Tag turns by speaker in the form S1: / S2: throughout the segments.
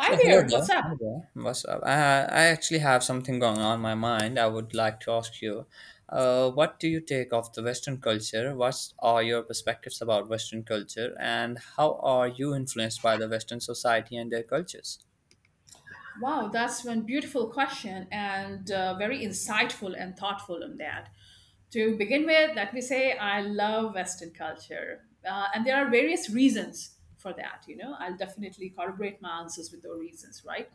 S1: So hello
S2: there,
S1: there.
S2: what's up?
S1: Hello there. What's up? I actually have something going on my mind. I would like to ask you, what do you take of the Western culture? What are your perspectives about Western culture, and how are you influenced by the Western society and their cultures?
S2: Wow, that's one beautiful question and very insightful and thoughtful on that. To begin with, let me say I love Western culture, and there are various reasons for that. You know, I'll definitely corroborate my answers with those reasons, right?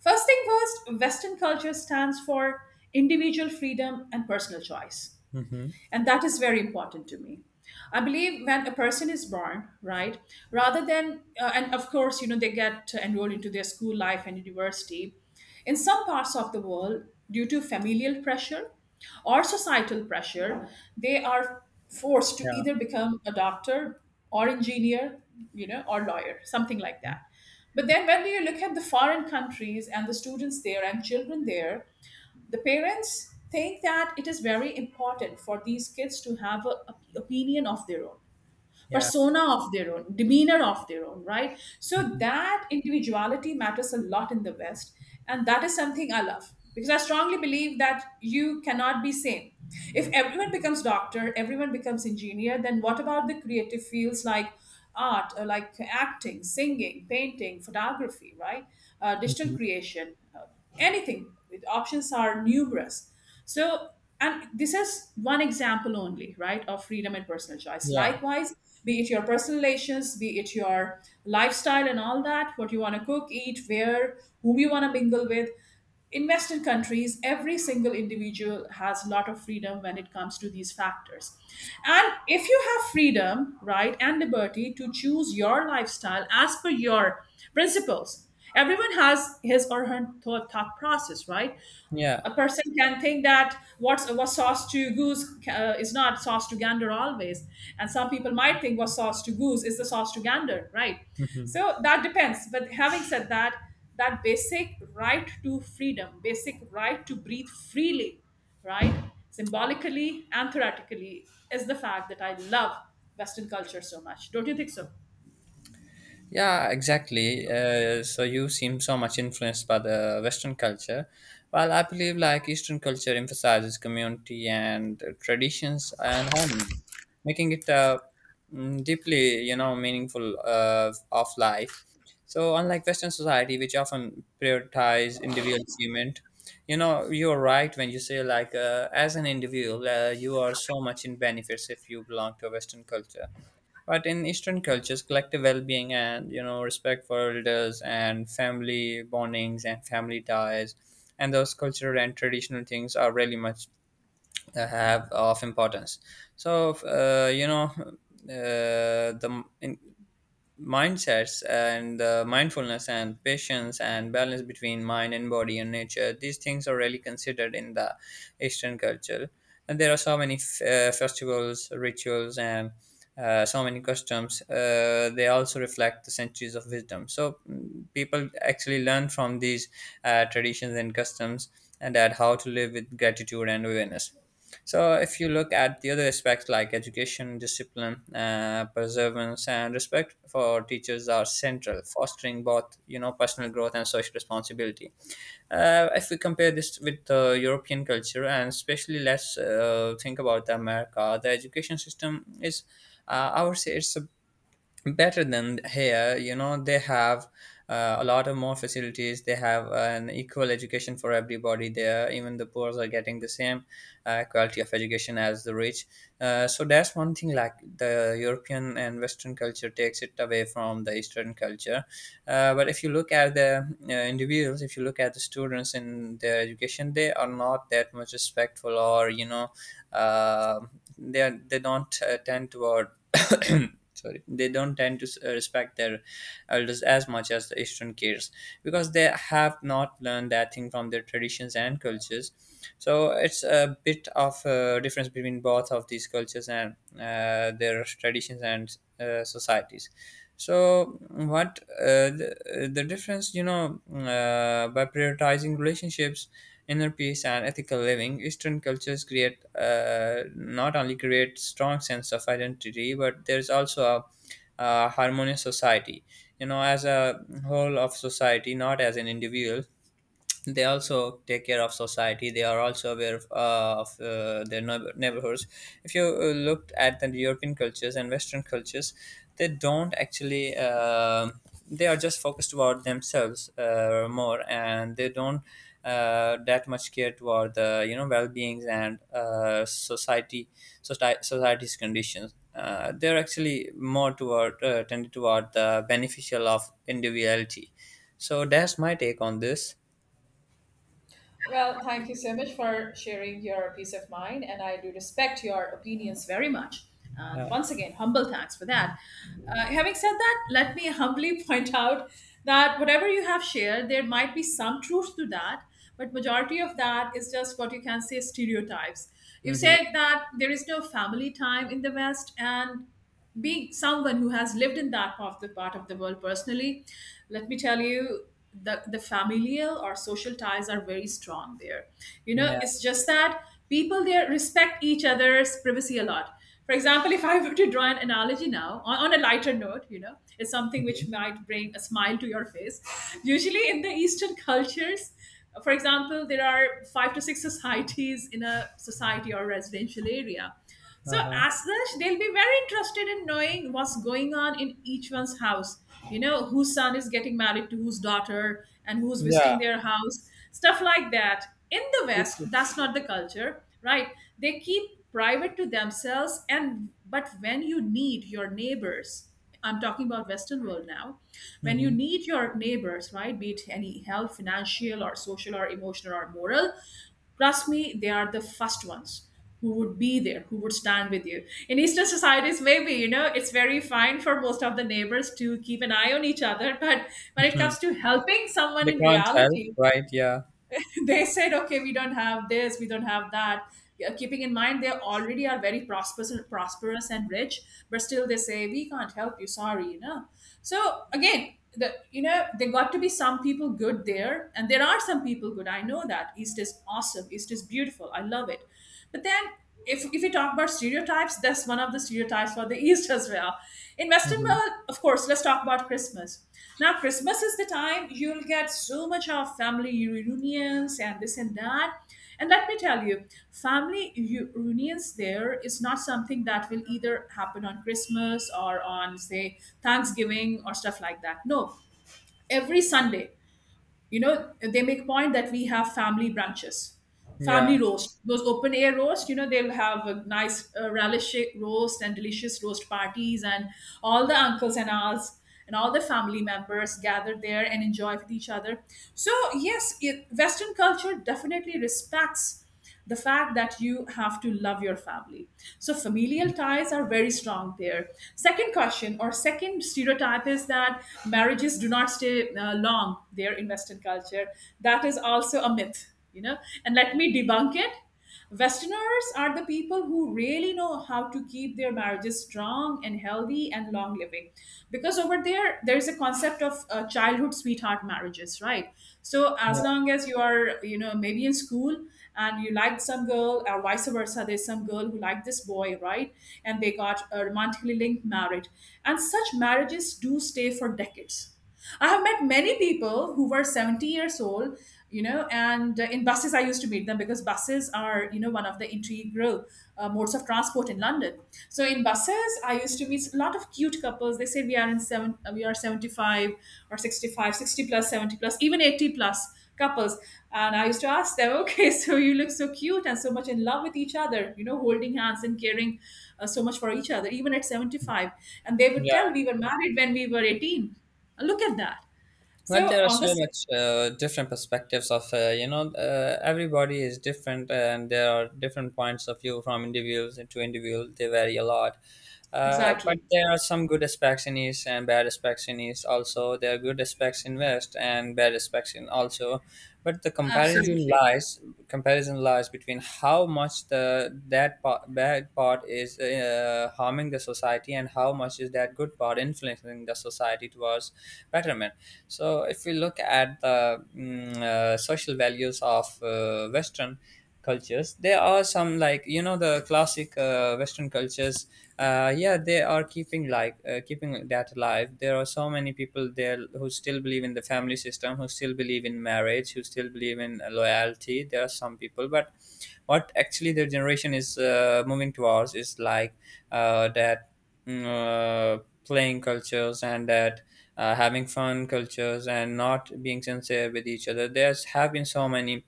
S2: First thing first, Western culture stands for individual freedom and personal choice.
S1: Mm-hmm.
S2: And that is very important to me. I believe when a person is born, right, and of course, they get enrolled into their school life and university. In some parts of the world, due to familial pressure or societal pressure, they are forced to
S1: Yeah.
S2: either become a doctor or engineer, you know, or lawyer, something like that. But then when you look at the foreign countries and the students there and children there, the parents think that it is very important for these kids to have a opinion of their own,
S1: Yeah.
S2: persona of their own, demeanor of their own, right? So
S1: Hmm.
S2: that individuality matters a lot in the West, and that is something I love, because I strongly believe that you cannot be same. If everyone becomes doctor, everyone becomes engineer, then what about the creative fields like art, or like acting, singing, painting, photography, right? Digital creation, anything. Options are numerous. So, and this is one example only, right? Of freedom and personal choice.
S1: Yeah.
S2: Likewise, be it your personal relations, be it your lifestyle and all that, what you want to cook, eat, wear, whom you want to mingle with. In Western countries, every single individual has a lot of freedom when it comes to these factors. And if you have freedom, right, and liberty to choose your lifestyle as per your principles, everyone has his or her thought process, right?
S1: Yeah.
S2: A person can think that what's, what sauce to goose is not sauce to gander always, and some people might think what sauce to goose is the sauce to gander, right?
S1: Hmm.
S2: So that depends. But having said that, that basic right to freedom, basic right to breathe freely, right, symbolically and theoretically, is the fact that I love Western culture so much. Don't you think so?
S1: Yeah, exactly. So you seem so much influenced by the Western culture, while I believe like Eastern culture emphasizes community and traditions and harmony, making it a deeply, meaningful of life. So unlike Western society, which often prioritize individual achievement, you know you're right when you say like as an individual, you are so much in benefits if you belong to a Western culture, but in Eastern cultures, collective well-being and you know respect for elders and family bondings and family ties and those cultural and traditional things are really much have of importance. So you know the m- in mindsets and the mindfulness and patience and balance between mind and body and nature, these things are really considered in the Eastern culture. And there are so many festivals, rituals, and so many customs. They also reflect the centuries of wisdom, so people actually learn from these traditions and customs and add how to live with gratitude and awareness. So, if you look at the other aspects like education, discipline, perseverance, and respect for teachers are central, fostering both you know personal growth and social responsibility. If we compare this with European culture, and especially let's think about the America, the education system is, I would say, it's a better than here, you know they have a lot of more facilities. They have an equal education for everybody there. Even the poor are getting the same quality of education as the rich. So that's one thing, like the European and Western culture takes it away from the Eastern culture. But if you look at the individuals, if you look at the students in their education, they are not that much respectful or you know uh, they don't tend toward sorry, they don't tend to respect their elders as much as the Eastern kids, because they have not learned that thing from their traditions and cultures. So it's a bit of a difference between both of these cultures and their traditions and societies. So what the difference you know by prioritizing relationships, inner peace, and ethical living, Eastern cultures create not only create strong sense of identity, but there's also a harmonious society, you know, as a whole of society, not as an individual. They also take care of society. They are also aware of, their neighborhoods. If you looked at the European cultures and Western cultures, they don't actually they are just focused about themselves more, and they don't that much care toward the you know well-beings and society, society's conditions. They're actually more toward tended toward the beneficial of individuality. So that's my take on this.
S2: Well, thank you so much for sharing your peace of mind, and I do respect your opinions very much. And
S1: Yeah.
S2: once again, humble thanks for that. Having said that, let me humbly point out that whatever you have shared, there might be some truth to that, but majority of that is just what you can say stereotypes. You
S1: Mhm.
S2: said that there is no family time in the West, and being someone who has lived in that part of the world personally, let me tell you, the familial or social ties are very strong there. You know,
S1: Yeah.
S2: it's just that people there respect each other's privacy a lot. For example, if I were to draw an analogy now on a lighter note, you know, it's something
S1: Mhm.
S2: which might bring a smile to your face. Usually in the Eastern cultures, for example, there are five to six societies in a society or residential area, so,
S1: Uh-huh.
S2: as such, they'll be very interested in knowing what's going on in each one's house. You know, whose son is getting married to whose daughter, and who's visiting
S1: Yeah.
S2: their house, stuff like that. In the West, that's not the culture, right? They keep private to themselves, and but when you need your neighbors, I'm talking about Western world now, when you
S1: Mhm.
S2: need your neighbors, right, be it any help, financial or social or emotional or moral, trust me, they are the first ones who would be there, who would stand with you. In Eastern societies, maybe, you know, it's very fine for most of the neighbors to keep an eye on each other. But when it
S1: Mhm.
S2: comes to helping someone
S1: They
S2: in
S1: can't help,
S2: reality,
S1: right? Yeah.
S2: they said, okay, we don't have this, we don't have that. Yeah. Keeping in mind they already are very prosperous, and prosperous and rich, but still they say we can't help you. Sorry, you know. So again, there got to be some people good there, and there are some people good. I know that East is awesome. East is beautiful. I love it. But then, if we talk about stereotypes, that's one of the stereotypes for the East as well. In Western
S1: Mhm.
S2: world, of course, let's talk about Christmas. Now, Christmas is the time you'll get so much of family reunions and this and that. And let me tell you, reunions there is not something that will either happen on Christmas or on, say, Thanksgiving or stuff like that. No, every Sunday, you know, they make point that we have family branches, family
S1: Yeah.
S2: roast, those open air roast. You know, they'll have a nice relish roast and delicious roast parties, and all the uncles and aunts and all the family members gather there and enjoy with each other. So yes, it, Western culture definitely respects the fact that you have to love your family. So familial ties are very strong there. Second question or second stereotype is that marriages do not stay long there in Western culture. That is also a myth, you know, and let me debunk it. Westerners are the people who really know how to keep their marriages strong and healthy and long living. Because over there, there's a concept of childhood sweetheart marriages, right? So,
S1: Yeah.
S2: as long as you are, you know, maybe in school and you liked some girl, or vice versa, there's some girl who liked this boy, right? And they got a romantically linked marriage. And such marriages do stay for decades. I have met many people who were 70 years old, you know, and in buses I used to meet them, because buses are, you know, one of the integral modes of transport in London. So in buses, I used to meet a lot of cute couples. They say we are 75 or 65, 60 plus, 70 plus, even 80 plus couples. And I used to ask them, okay, so you look so cute and so much in love with each other, you know, holding hands and caring so much for each other, even at 75. And they would
S1: Yeah.
S2: tell we were married when we were 18. Look at that.
S1: But
S2: So
S1: there are
S2: on
S1: so
S2: this,
S1: much different perspectives of you know everybody is different, and there are different points of view. From individuals to individual, they vary a lot. But
S2: exactly,
S1: there are some good aspects in East and bad aspects in East also. There are good aspects in West and bad aspects in also. But the comparison
S2: absolutely,
S1: lies comparison lies between how much the that part, bad part, is harming the society, and how much is that good part influencing the society towards betterment. So, if we look at the social values of Western cultures, there are some like you know the classic Western cultures. Yeah, they are keeping like keeping that alive. There are so many people there who still believe in the family system, who still believe in marriage, who still believe in loyalty. There are some people, but what actually their generation is moving towards is like uh, that playing cultures and that having fun cultures, and not being sincere with each other. There's have been so many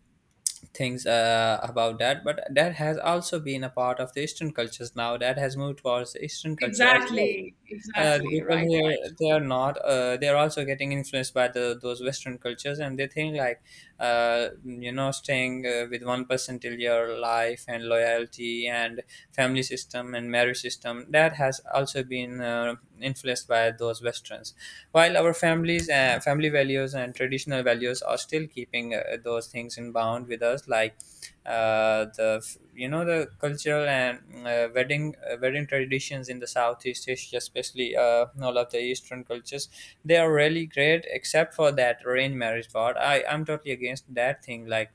S1: things about that, but that has also been a part of the Eastern cultures now. That has moved towards the Eastern culture as well.
S2: exactly,
S1: The
S2: exactly,
S1: people
S2: right, right,
S1: here, they are not they are also getting influenced by the those Western cultures, and they think like you know staying with one person till your life, and loyalty and family system and marriage system, that has also been influenced by those westerns, while our families family values and traditional values are still keeping those things in bound with us. Like the you know the cultural and wedding traditions in the Southeast Asia, especially all of the Eastern cultures, they are really great, except for that arranged marriage part. I'm totally against that thing. Like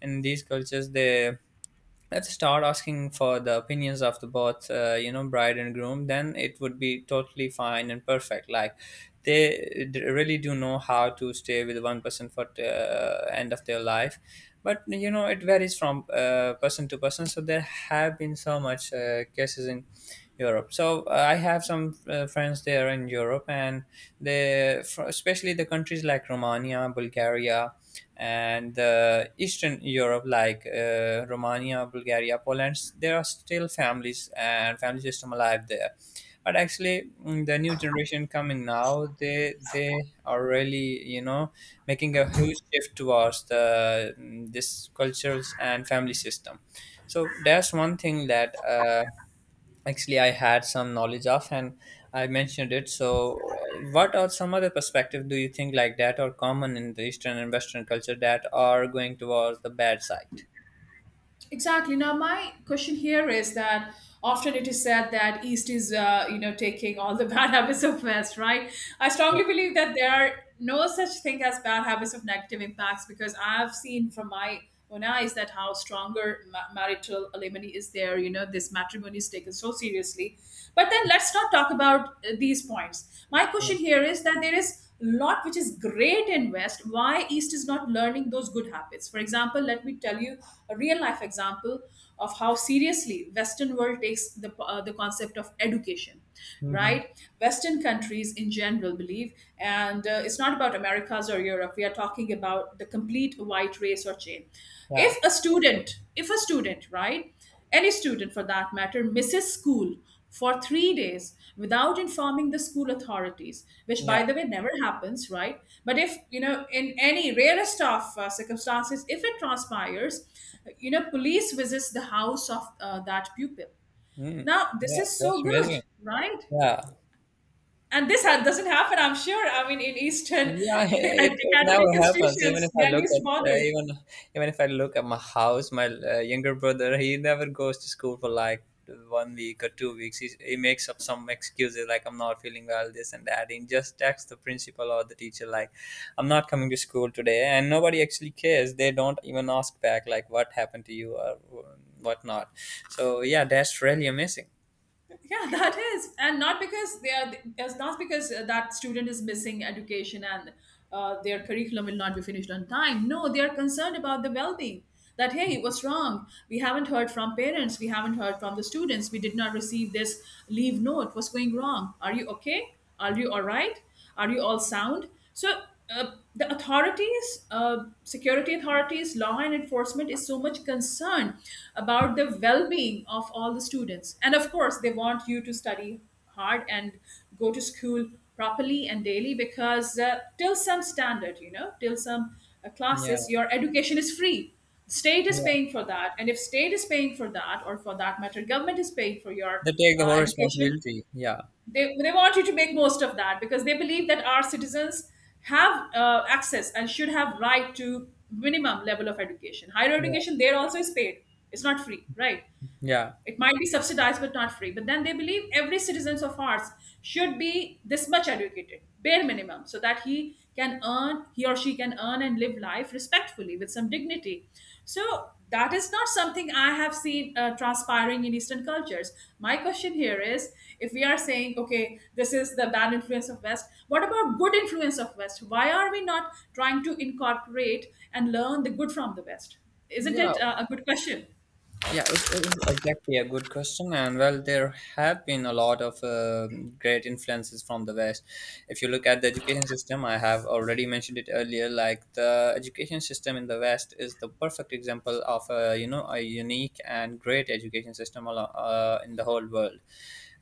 S1: in these cultures, they let's start asking for the opinions of the both you know bride and groom, then it would be totally fine and perfect. Like they really do know how to stay with one person for the end of their life. But you know it varies from person to person. So there have been so much cases in Europe. So I have some friends there in Europe, and they especially the countries like Romania, Bulgaria, and Eastern Europe, like Romania, Bulgaria, Poland, there are still families and family system alive there. But actually, the new generation coming now, they are really you know making a huge shift towards the this cultures and family system. So that's one thing that actually I had some knowledge of, and I mentioned it. So, what are some other perspective do you think like that are common in the Eastern and Western culture that are going towards the bad side?
S2: exactly. Now my question here is that often it is said that East is, you know, taking all the bad habits of West, right? I
S1: Yeah,
S2: strongly believe that there are no such thing as bad habits of negative impacts, because I've seen from my own eyes that how stronger marital alimony is there. You know, this matrimony is taken so seriously. But then let's not talk about these points. My
S1: yeah.
S2: question here is that there is lot which is great in West, why East is not learning those good habits? For example, let me tell you a real life example of how seriously Western world takes the the concept of education,
S1: Mhm.
S2: right? Western countries in general believe, and it's not about Americas or Europe, we are talking about the complete white race or chain. if
S1: Yeah,
S2: a student if a student, right, any student, for that matter, misses school for 3 days without informing the school authorities, which,
S1: yeah.
S2: by the way, never happens, right? But if, you know, in any rarest of circumstances, if it transpires, you know, police visits the house of that pupil.
S1: Mm.
S2: Now, this
S1: Yeah.
S2: is
S1: That's
S2: so good,
S1: amazing.
S2: right?
S1: Yeah.
S2: And doesn't happen, I'm sure. I mean, in Eastern
S1: Yeah, it never
S2: academic
S1: happens. Even if
S2: institutions,
S1: I
S2: they're
S1: look at
S2: least bothered.
S1: even if I look at my house, my younger brother, he never goes to school for like 1 week or 2 weeks. He makes up some excuses like I'm not feeling well, this and that. He just texts the principal or the teacher like, I'm not coming to school today, and nobody actually cares. They don't even ask back like what happened to you or whatnot. So yeah, that's really amazing.
S2: Yeah, that is. And not because they are, it's not because that student is missing education and their curriculum will not be finished on time. No, they are concerned about the well-being, that, hey, what's wrong, we haven't heard from parents, we haven't heard from the students, we did not receive this leave note, what's going wrong, are you okay, are you all right, are you all sound? So the authorities, security authorities, law and enforcement is so much concerned about the well-being of all the students, and of course they want you to study hard and go to school properly and daily, because till some standard, you know, till some
S1: Yeah,
S2: classes, your education is free, state is
S1: yeah.
S2: paying for that. And if state is paying for that, or for that matter government is paying for your
S1: They take the whole
S2: education,
S1: responsibility. Yeah,
S2: they want you to make most of that, because they believe that our citizens have access and should have right to minimum level of education. Higher
S1: yeah,
S2: education there also is paid, it's not free, right?
S1: yeah.
S2: It might be subsidized but not free. But then they believe every citizens of ours should be this much educated, bare minimum, so that he can earn, he or she can earn and live life respectfully with some dignity. So that is not something I have seen transpiring in Eastern cultures. My question here is, if we are saying, okay, this is the bad influence of West, what about good influence of West? Why are we not trying to incorporate and learn the good from the West? Isn't
S1: Yeah.
S2: it a good question?
S1: Yeah, it is exactly a good question. And well, there have been a lot of great influences from the West. If you look at the education system, I have already mentioned it earlier. Like the education system in the West is the perfect example of a you know a unique and great education system in the whole world.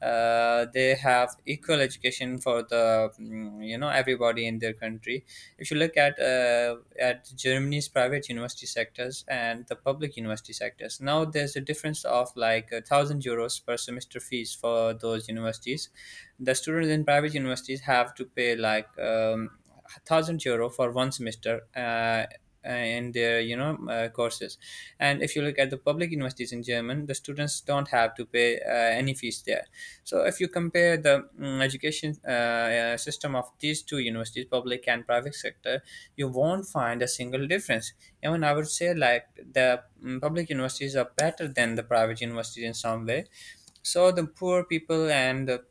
S1: They have equal education for the you know everybody in their country. If you look at Germany's private university sectors and the public university sectors, now there's a difference of like €1,000 per semester fees for those universities. The students in private universities have to pay like €1,000 for one semester. In their you know courses. And if you look at the public universities in german, the students don't have to pay any fees there. So if you compare the education system of these two universities, public and private sector, you won't find a single difference. Even I would say like the public universities are better than the private universities in some way. So the poor people and the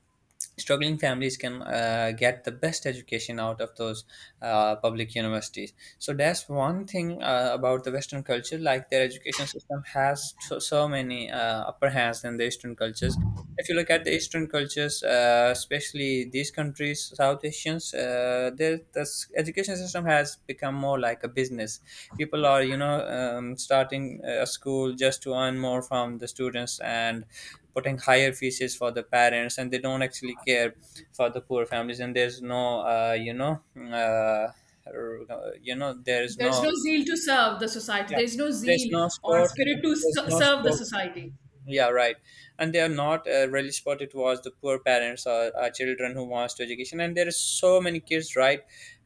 S1: struggling families can get the best education out of those public universities. So that's one thing about the Western culture, like their education system has so many upper hands than the Eastern cultures. If you look at the Eastern cultures, especially these countries, South Asians, education system has become more like a business. People are, you know, starting a school just to earn more from the students and putting higher fees for the parents, and they don't actually care for the poor families. And there's no, you know, you know, there is
S2: There's
S1: no,
S2: no zeal to serve the society.
S1: yeah,
S2: There's no
S1: there's
S2: zeal
S1: no
S2: or
S1: sport,
S2: spirit to
S1: there's no
S2: serve the
S1: sport,
S2: society.
S1: yeah, right. And they are not really spotted was the poor parents or children who wants to education. And there are so many kids, right,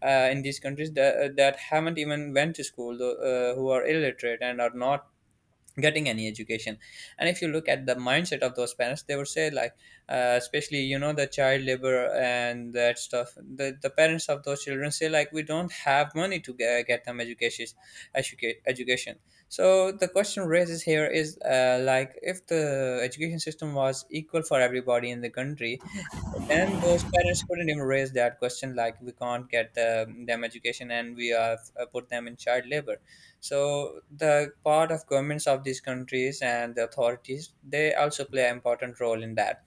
S1: in these countries that haven't even went to school, who are illiterate and are not getting any education. And if you look at the mindset of those parents, they would say like, especially you know the child labor and that stuff, the parents of those children say like, we don't have money to get them education. So the question raises here is, like, if the education system was equal for everybody in the country, then those parents couldn't even raise that question like, we can't get them education, and we have put them in child labor. So the part of governments of these countries and the authorities, they also play an important role in that.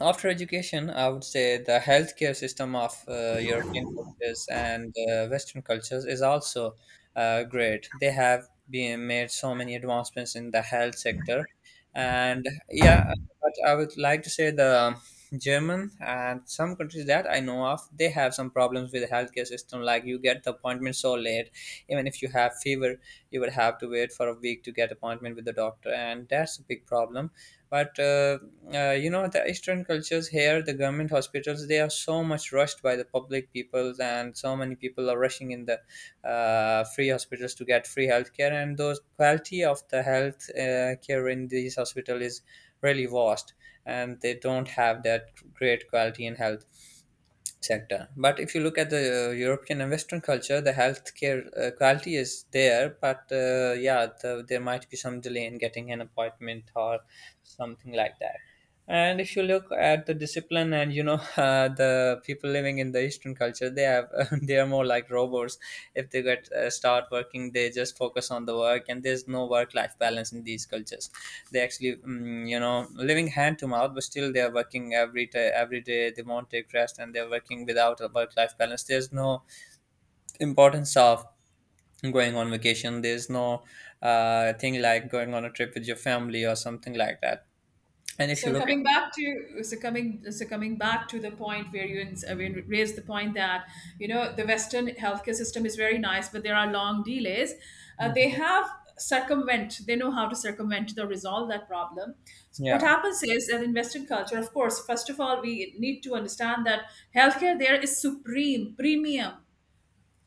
S1: After education, I would say the healthcare system of European cultures and Western cultures is also great. They have been made so many advancements in the health sector, and yeah, but I would like to say the German and some countries that I know of, they have some problems with the healthcare system. Like, you get the appointment so late, even if you have fever, you would have to wait for a week to get appointment with the doctor, and that's a big problem, but you know, the eastern cultures here, the government hospitals, they are so much rushed by the public people, and so many people are rushing in the free hospitals to get free healthcare, and those quality of the health care in these hospital is really vast, and they don't have that great quality in health sector. But if you look at the European and Western culture, the healthcare quality is there, but yeah, there might be some delay in getting an appointment or something like that. And if you look at the discipline and you know the people living in the Eastern culture, they have they are more like robots. If they get start working, they just focus on the work, and there's no work life balance in these cultures. They actually, you know, living hand to mouth, but still they are working every day, every day, they won't take rest, and they're working without a work life balance. There's no importance of going on vacation, there's no thing like going on a trip with your family or something like that. And if you
S2: So
S1: look
S2: coming
S1: at.
S2: back to so coming so coming back to the point where you I mean, raised the point that you know the Western healthcare system is very nice, but there are long delays. They
S1: Mhm.
S2: have circumvent. They know how to circumvent the resolve that problem. So what
S1: Yeah.
S2: happens is that in Western culture, of course, first of all, we need to understand that healthcare there is supreme, premium.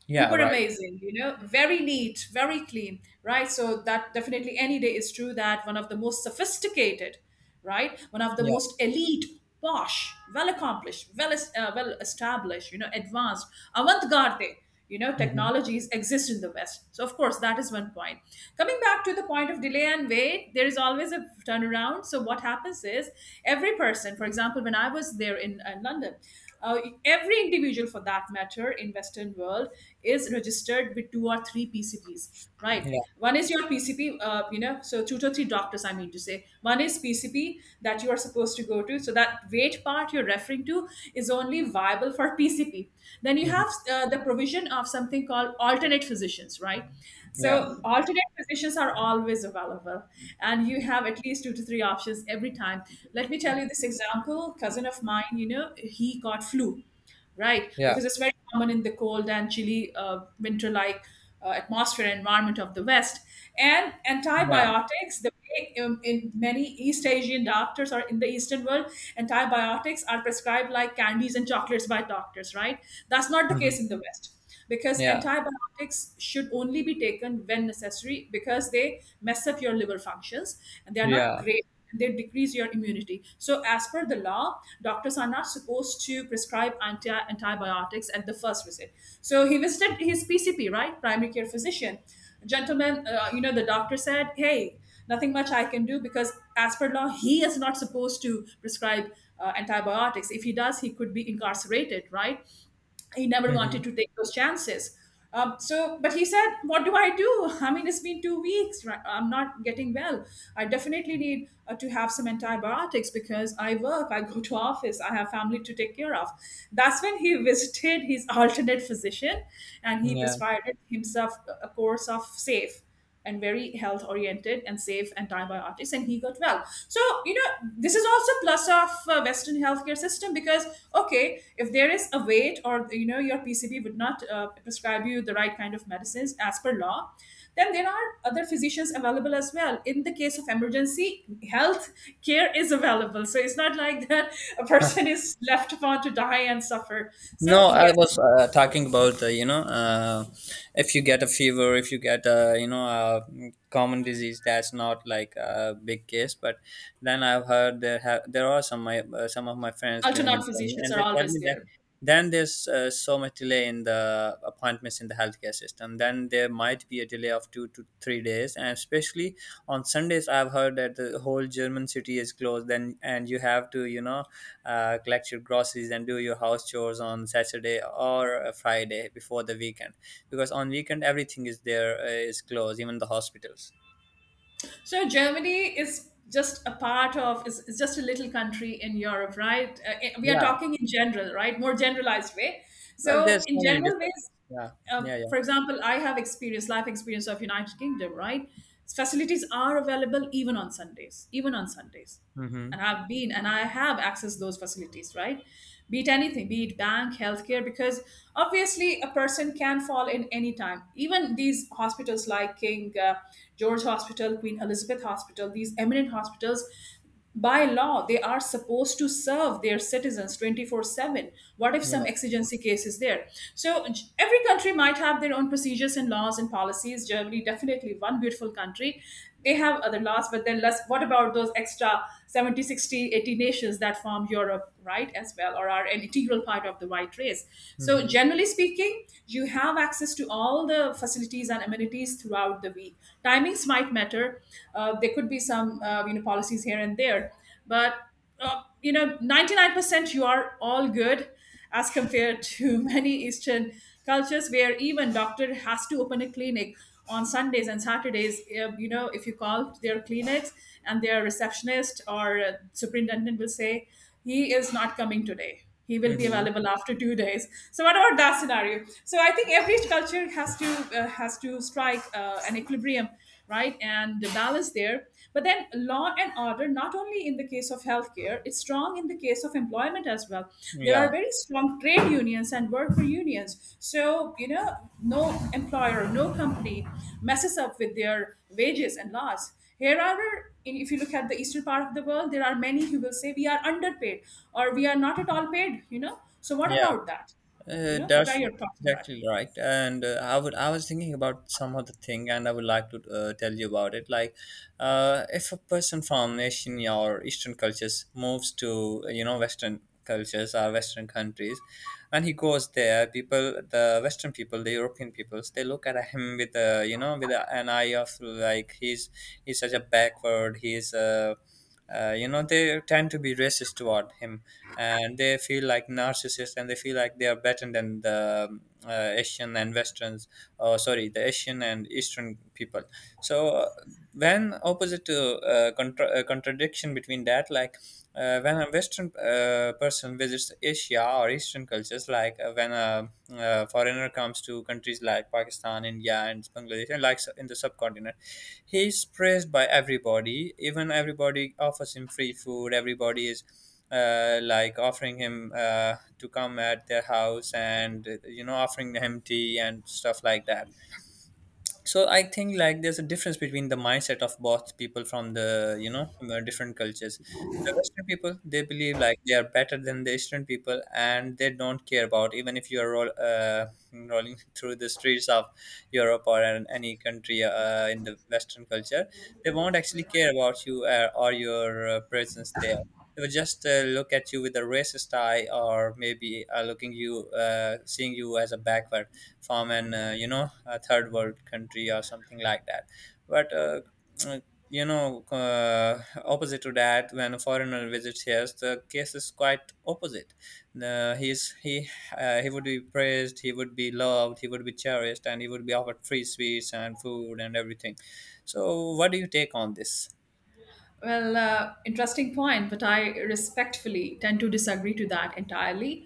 S1: Yeah,
S2: Uber
S1: right.
S2: amazing, you know, very neat, very clean, right? So that definitely any day is true that one of the most sophisticated, right, one of the
S1: Yeah.
S2: most elite, posh, well accomplished, well well established, you know, advanced, avant-garde, you know,
S1: Hmm.
S2: technologies exist in the West. So of course that is one point. Coming back to the point of delay and wait, there is always a turnaround. So what happens is every person, for example, when I was there in London, uh, every individual for that matter in western world is registered with two or three PCPs, right?
S1: Yeah.
S2: One is your PCP, you know, so two to three doctors, I mean to say one is PCP that you are supposed to go to. So that weight part you're referring to is only viable for PCP. Then you have
S1: Hmm.
S2: the provision of something called alternate physicians, right?
S1: Yeah,
S2: So alternate positions are always available, and you have at least two to three options every time. Let me tell you this example. Cousin of mine, you know, he got flu, right?
S1: yeah,
S2: Because it's very common in the cold and chilly winter-like atmosphere and environment of the West. And
S1: yeah.
S2: antibiotics, the way in many East Asian doctors or in the Eastern world, antibiotics are prescribed like candies and chocolates by doctors, right? That's not the
S1: Hmm.
S2: case in the West, because
S1: Yeah,
S2: antibiotics should only be taken when necessary because they mess up your liver functions and they are not
S1: yeah.
S2: great and they decrease your immunity. So as per the law, doctors are not supposed to prescribe antibiotics at the first visit. So he visited his PCP, right? Primary care physician. Gentlemen, you know, the doctor said, "Hey, nothing much I can do because as per law he is not supposed to prescribe antibiotics. If he does, he could be incarcerated," right? He never wanted
S1: Hmm.
S2: to take those chances. But he said, "What do I do? I mean, it's been 2 weeks. Right? I'm not getting well. I definitely need to have some antibiotics because I work, I go to office, I have family to take care of." That's when he visited his alternate physician, and he
S1: Yeah.
S2: prescribed himself a course of Safe and very health oriented and safe antibiotics, and he got well. So you know this is also plus of western healthcare system, because okay, if there is a wait or you know your PCB would not prescribe you the right kind of medicines as per law, then there are other physicians available as well. In the case of emergency, health care is available. So it's not like that a person is left upon to die and suffer. So
S1: No, I
S2: yes,
S1: was talking about, you know, if you get a fever, if you get a, you know, a common disease, that's not like a big case. But then I've heard there are some my some of my friends living in
S2: alternate
S1: Germany,
S2: physicians
S1: and
S2: are
S1: they tell
S2: always
S1: me that
S2: there.
S1: then there's so much delay in the appointments in the healthcare system. Then there might be a delay of 2 to 3 days, and especially on Sundays, I've heard that the whole German city is closed. Then, and you have to, you know, collect your groceries and do your house chores on Saturday or a Friday before the weekend, because on weekend everything is closed, even the hospitals.
S2: So Germany is just a part of is just a little country in Europe, right? We are
S1: Yeah.
S2: talking in general, right? More generalized way.
S1: Well,
S2: So
S1: there's
S2: in
S1: so many
S2: general
S1: differences.
S2: ways,
S1: Yeah. Yeah, yeah.
S2: for example, I have experience, life experience of United Kingdom, right? Facilities are available even on Sundays, even on Sundays,
S1: Mm-hmm.
S2: and I've been and I have accessed those facilities, right? Be it anything, be it bank, healthcare, because obviously a person can fall in any time. Even these hospitals like King George Hospital, Queen Elizabeth Hospital, these eminent hospitals, by law, they are supposed to serve their citizens 24/7. What if some
S1: Yeah.
S2: exigency case is there? So, every country might have their own procedures and laws and policies. Germany, definitely one beautiful country. They have other laws, but then less, what about those extra 70, 60, 80 nations that form Europe, right, as well, or are an integral part of the white race? So
S1: Mm-hmm.
S2: generally speaking, you have access to all the facilities and amenities throughout the week. Timings might matter. There could be some you know policies here and there, but you know, 99% you are all good, as compared to many eastern cultures where even doctor has to open a clinic on Sundays and Saturdays. You know, if you call their clinics and their receptionist or superintendent will say he is not coming today, he will be
S1: Mm-hmm.
S2: available after 2 days. So what about that scenario? So I think every culture has to strike an equilibrium, right? And the balance there. But then law and order, not only in the case of healthcare, it's strong in the case of employment as well. There
S1: Yeah,
S2: are very strong trade unions and worker unions. So, you know, no employer, no company messes up with their wages and laws. However, if you look at the eastern part of the world, there are many who will say we are underpaid or we are not at all paid, you know. So, what
S1: yeah.
S2: about that? You
S1: Uh,
S2: know, what
S1: that's
S2: are your thoughts on that?
S1: exactly right. And I was thinking about some other thing, and I would like to tell you about it. Like, if a person from Asian or Eastern cultures moves to you know, Western cultures or Western countries, and he goes there, people, the Western people, the European peoples, they look at him with a you know with an eye of like, he's such a backward. He's you know, they tend to be racist toward him, and they feel like narcissists, and they feel like they are better than the asian and westerns, or sorry, the asian and eastern people. So, when opposite to, contradiction between that, like, when a Western person visits Asia or Eastern cultures, like, when a, foreigner comes to countries like Pakistan, India, and Bangladesh, and in the subcontinent, he's praised by everybody. Even everybody offers him free food. Everybody is like, offering him to come at their house, and you know, offering him tea and stuff like that. So I think like, there's a difference between the mindset of both people from the different cultures. The western people, they believe like they are better than the eastern people, and they don't care about, even if you are rolling through the streets of europe or any country in the western culture, they won't actually care about you, or your presence there. They will just look at you with a racist eye, or maybe looking you seeing you as a backward from an, you know, a third world country or something like that. But uh, you know uh, opposite to that, when a foreigner visits here, the case is quite opposite. the, he's he he would be praised, he would be loved, he would be cherished, and he would be offered free sweets and food and everything. So what do you take on this?
S2: Well, interesting point, but I respectfully tend to disagree to that entirely.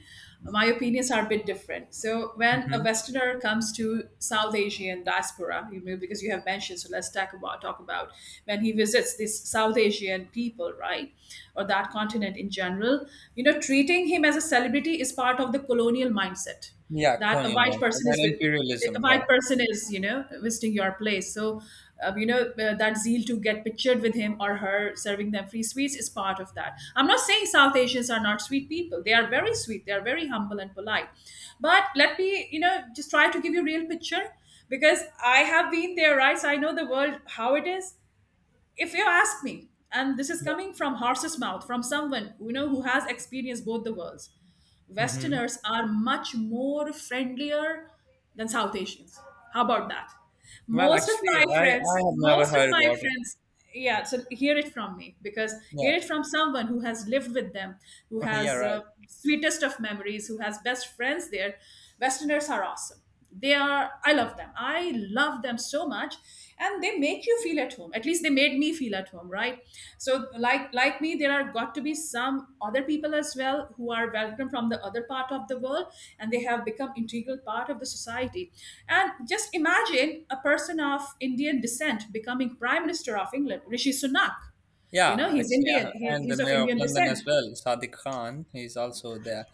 S2: My opinions are a bit different. So, when a
S1: Hmm.
S2: Westerner comes to South Asian diaspora, you know, because you have mentioned, so let's talk about when he visits these South Asian people, right, or that continent in general. You know, treating him as a celebrity is part of the colonial mindset
S1: Yeah,
S2: that a
S1: colonial
S2: white
S1: mindset
S2: person is
S1: and
S2: with a
S1: imperialism, yeah.
S2: white person is you know visiting your place. So you know that zeal to get pictured with him or her, serving them free sweets, is part of that. I'm not saying South Asians are not sweet people. They are very sweet, they are very humble and polite, but let me you know just try to give you a real picture, because I have been there, right? So I know the world how it is. If you ask me, and this is coming from horse's mouth from someone you know who has experienced both the worlds,
S1: Hmm.
S2: westerners are much more friendlier than South Asians. How about that?
S1: Well, actually, I have never
S2: Most of
S1: heard
S2: my
S1: about it.
S2: friends, yeah. So hear it from me, because
S1: Yeah.
S2: hear it from someone who has lived with them, who
S1: Yeah,
S2: has
S1: right.
S2: sweetest of memories, who has best friends there. Westerners are awesome. They are, I love them, I love them so much. And they make you feel at home, at least they made me feel at home, right? So like me there are got to be some other people as well who are welcome from the other part of the world, and they have become integral part of the society. And just imagine a person of Indian descent becoming prime minister of England, Rishi Sunak. You
S1: Yeah,
S2: know he's
S1: actually,
S2: Indian, he,
S1: and the
S2: he's of
S1: mayor of
S2: Indian
S1: London as
S2: descent.
S1: well, Sadiq Khan, he's also there.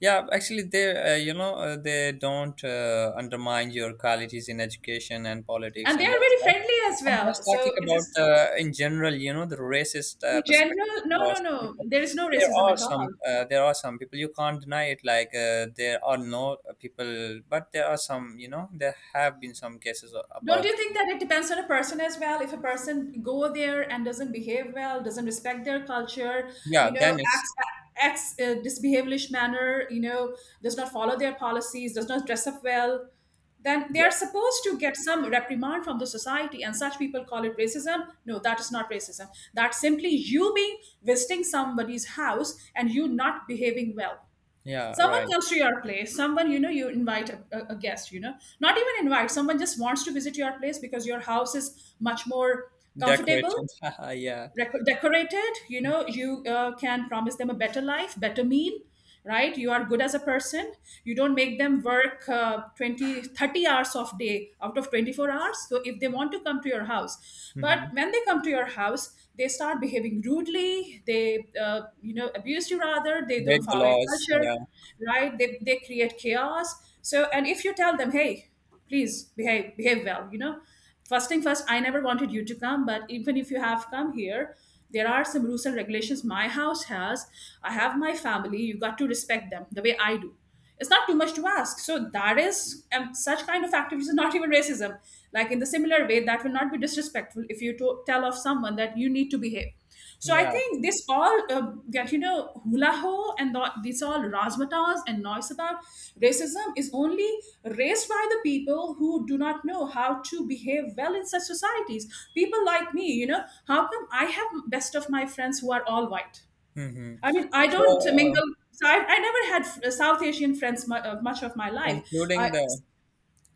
S1: Yeah, actually, you know, they don't undermine your qualities in education and politics,
S2: And they
S1: and
S2: are
S1: that's
S2: very
S1: not.
S2: friendly as
S1: I'm
S2: well,
S1: just talking
S2: so it's
S1: about
S2: just
S1: in general, you know, the racist
S2: in
S1: perspective
S2: general, no, no,
S1: towards the
S2: no.
S1: people.
S2: There is no
S1: There
S2: racism
S1: are
S2: at
S1: some,
S2: all.
S1: people you can't deny it. Like, there are no, people, but there are some, you know, there have been some cases
S2: Don't
S1: about.
S2: you think that it depends on a person as well? If a person go there and doesn't behave well, doesn't respect their culture,
S1: Yeah,
S2: you know,
S1: then it's.
S2: acts disbehavelish manner, you know, does not follow their policies, does not dress up well, then they
S1: Yeah,
S2: are supposed to get some reprimand from the society. And such people call it racism. No, that is not racism. That's simply you being visiting somebody's house and you not behaving well.
S1: yeah,
S2: Someone
S1: right.
S2: comes to your place, someone, you know, you invite a guest, you know, not even invite, someone just wants to visit your place because your house is much more comfortable,
S1: Decorated, yeah.
S2: decorated, you know, you can promise them a better life, better meal, right? You are good as a person. You don't make them work 20 30 hours of day out of 24 hours. So if they want to come to your house, but
S1: Mm-hmm.
S2: when they come to your house, they start behaving rudely, they you know abuse you rather, they
S1: Break
S2: don't
S1: the
S2: follow your
S1: laws.
S2: culture,
S1: Yeah,
S2: right? They create chaos. So, and if you tell them, "Hey, please behave well, you know, first thing first, I never wanted you to come, but even if you have come here, there are some rules and regulations my house has. I have my family, you got to respect them the way I do. It's not too much to ask." So that is, such kind of activities is not even racism. Like in the similar way, that will not be disrespectful if you tell of someone that you need to behave. So I
S1: yeah.
S2: think this all get, you know, hula ho and this all razzmatazz and noise about racism is only raised by the people who do not know how to behave well in such societies. People like me, you know, how come I have best of my friends who are all white?
S1: Hmm.
S2: I mean, I
S1: So,
S2: don't mingle. So I never had South Asian friends much of my life.
S1: concluding
S2: I,
S1: the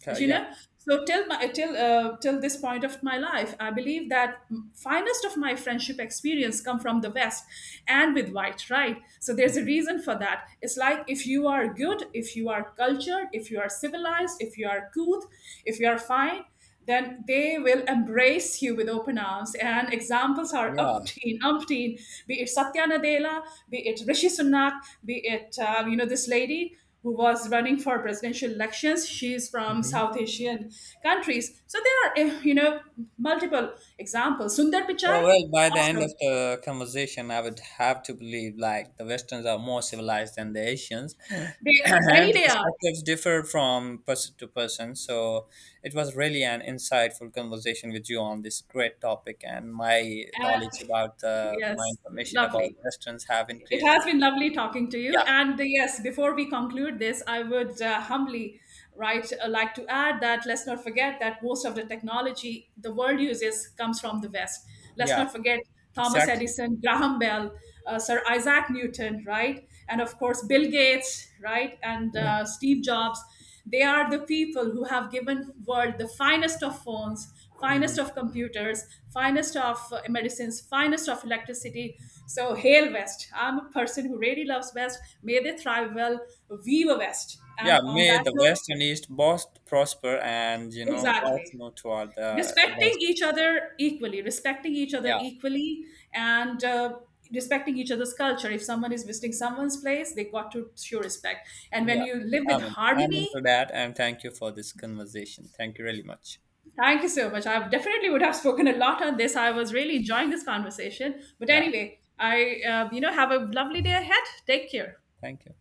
S2: you
S1: yeah,
S2: know, so till my till this point of my life I believe that finest of my friendship experience come from the West, and with white, right? So there's a reason for that. It's like, if you are good, if you are cultured, if you are civilized, if you are cool, if you are fine, then they will embrace you with open arms. And examples are
S1: yeah.
S2: umpteen, umpteen, be it Satya Nadella, be it Rishi Sunak, be it, you know, this lady who was running for presidential elections. She's from
S1: Mm-hmm.
S2: South Asian countries. So there are, you know, multiple examples. Sundar
S1: So
S2: Pichai,
S1: well, by the end of
S2: awesome.
S1: the conversation, I would have to believe like the Westerns are more civilized than the Asians,
S2: They,
S1: and
S2: any day are.
S1: perspectives differ from person to person. So it was really an insightful conversation with you on this great topic, and
S2: Uh,
S1: my
S2: yes,
S1: information about
S2: lovely.
S1: the Westerns have
S2: It
S1: increased.
S2: has been lovely talking to you.
S1: Yeah,
S2: And yes, before we conclude this, I would humbly right like to add that let's not forget that most of the technology the world uses comes from the West. Let's
S1: yeah,
S2: not forget Thomas
S1: exactly.
S2: Edison, Graham Bell, Sir Isaac Newton, right, and of course Bill Gates, right, and Steve Jobs. They are the people who have given world the finest of phones, finest
S1: Mhm.
S2: of computers, finest of medicines, finest of electricity. So, hail West. I'm a person who really loves West. May they thrive well. Viva West.
S1: Yeah,
S2: And on
S1: may
S2: that
S1: the
S2: note,
S1: West and East both prosper, and you know both
S2: exactly.
S1: move toward the
S2: Respecting
S1: advancement.
S2: each other equally, respecting each other
S1: Yeah,
S2: equally, and respecting each other's culture. If someone is visiting someone's place, they got to show respect. And when
S1: yeah.
S2: you live with
S1: Amen. Amen to
S2: harmony,
S1: that, and thank you for this conversation. Thank you really much.
S2: thank you so much. I definitely would have spoken a lot on this. I was really enjoying this conversation. But
S1: Yeah,
S2: anyway, I, you know, have a lovely day ahead. Take care.
S1: thank you.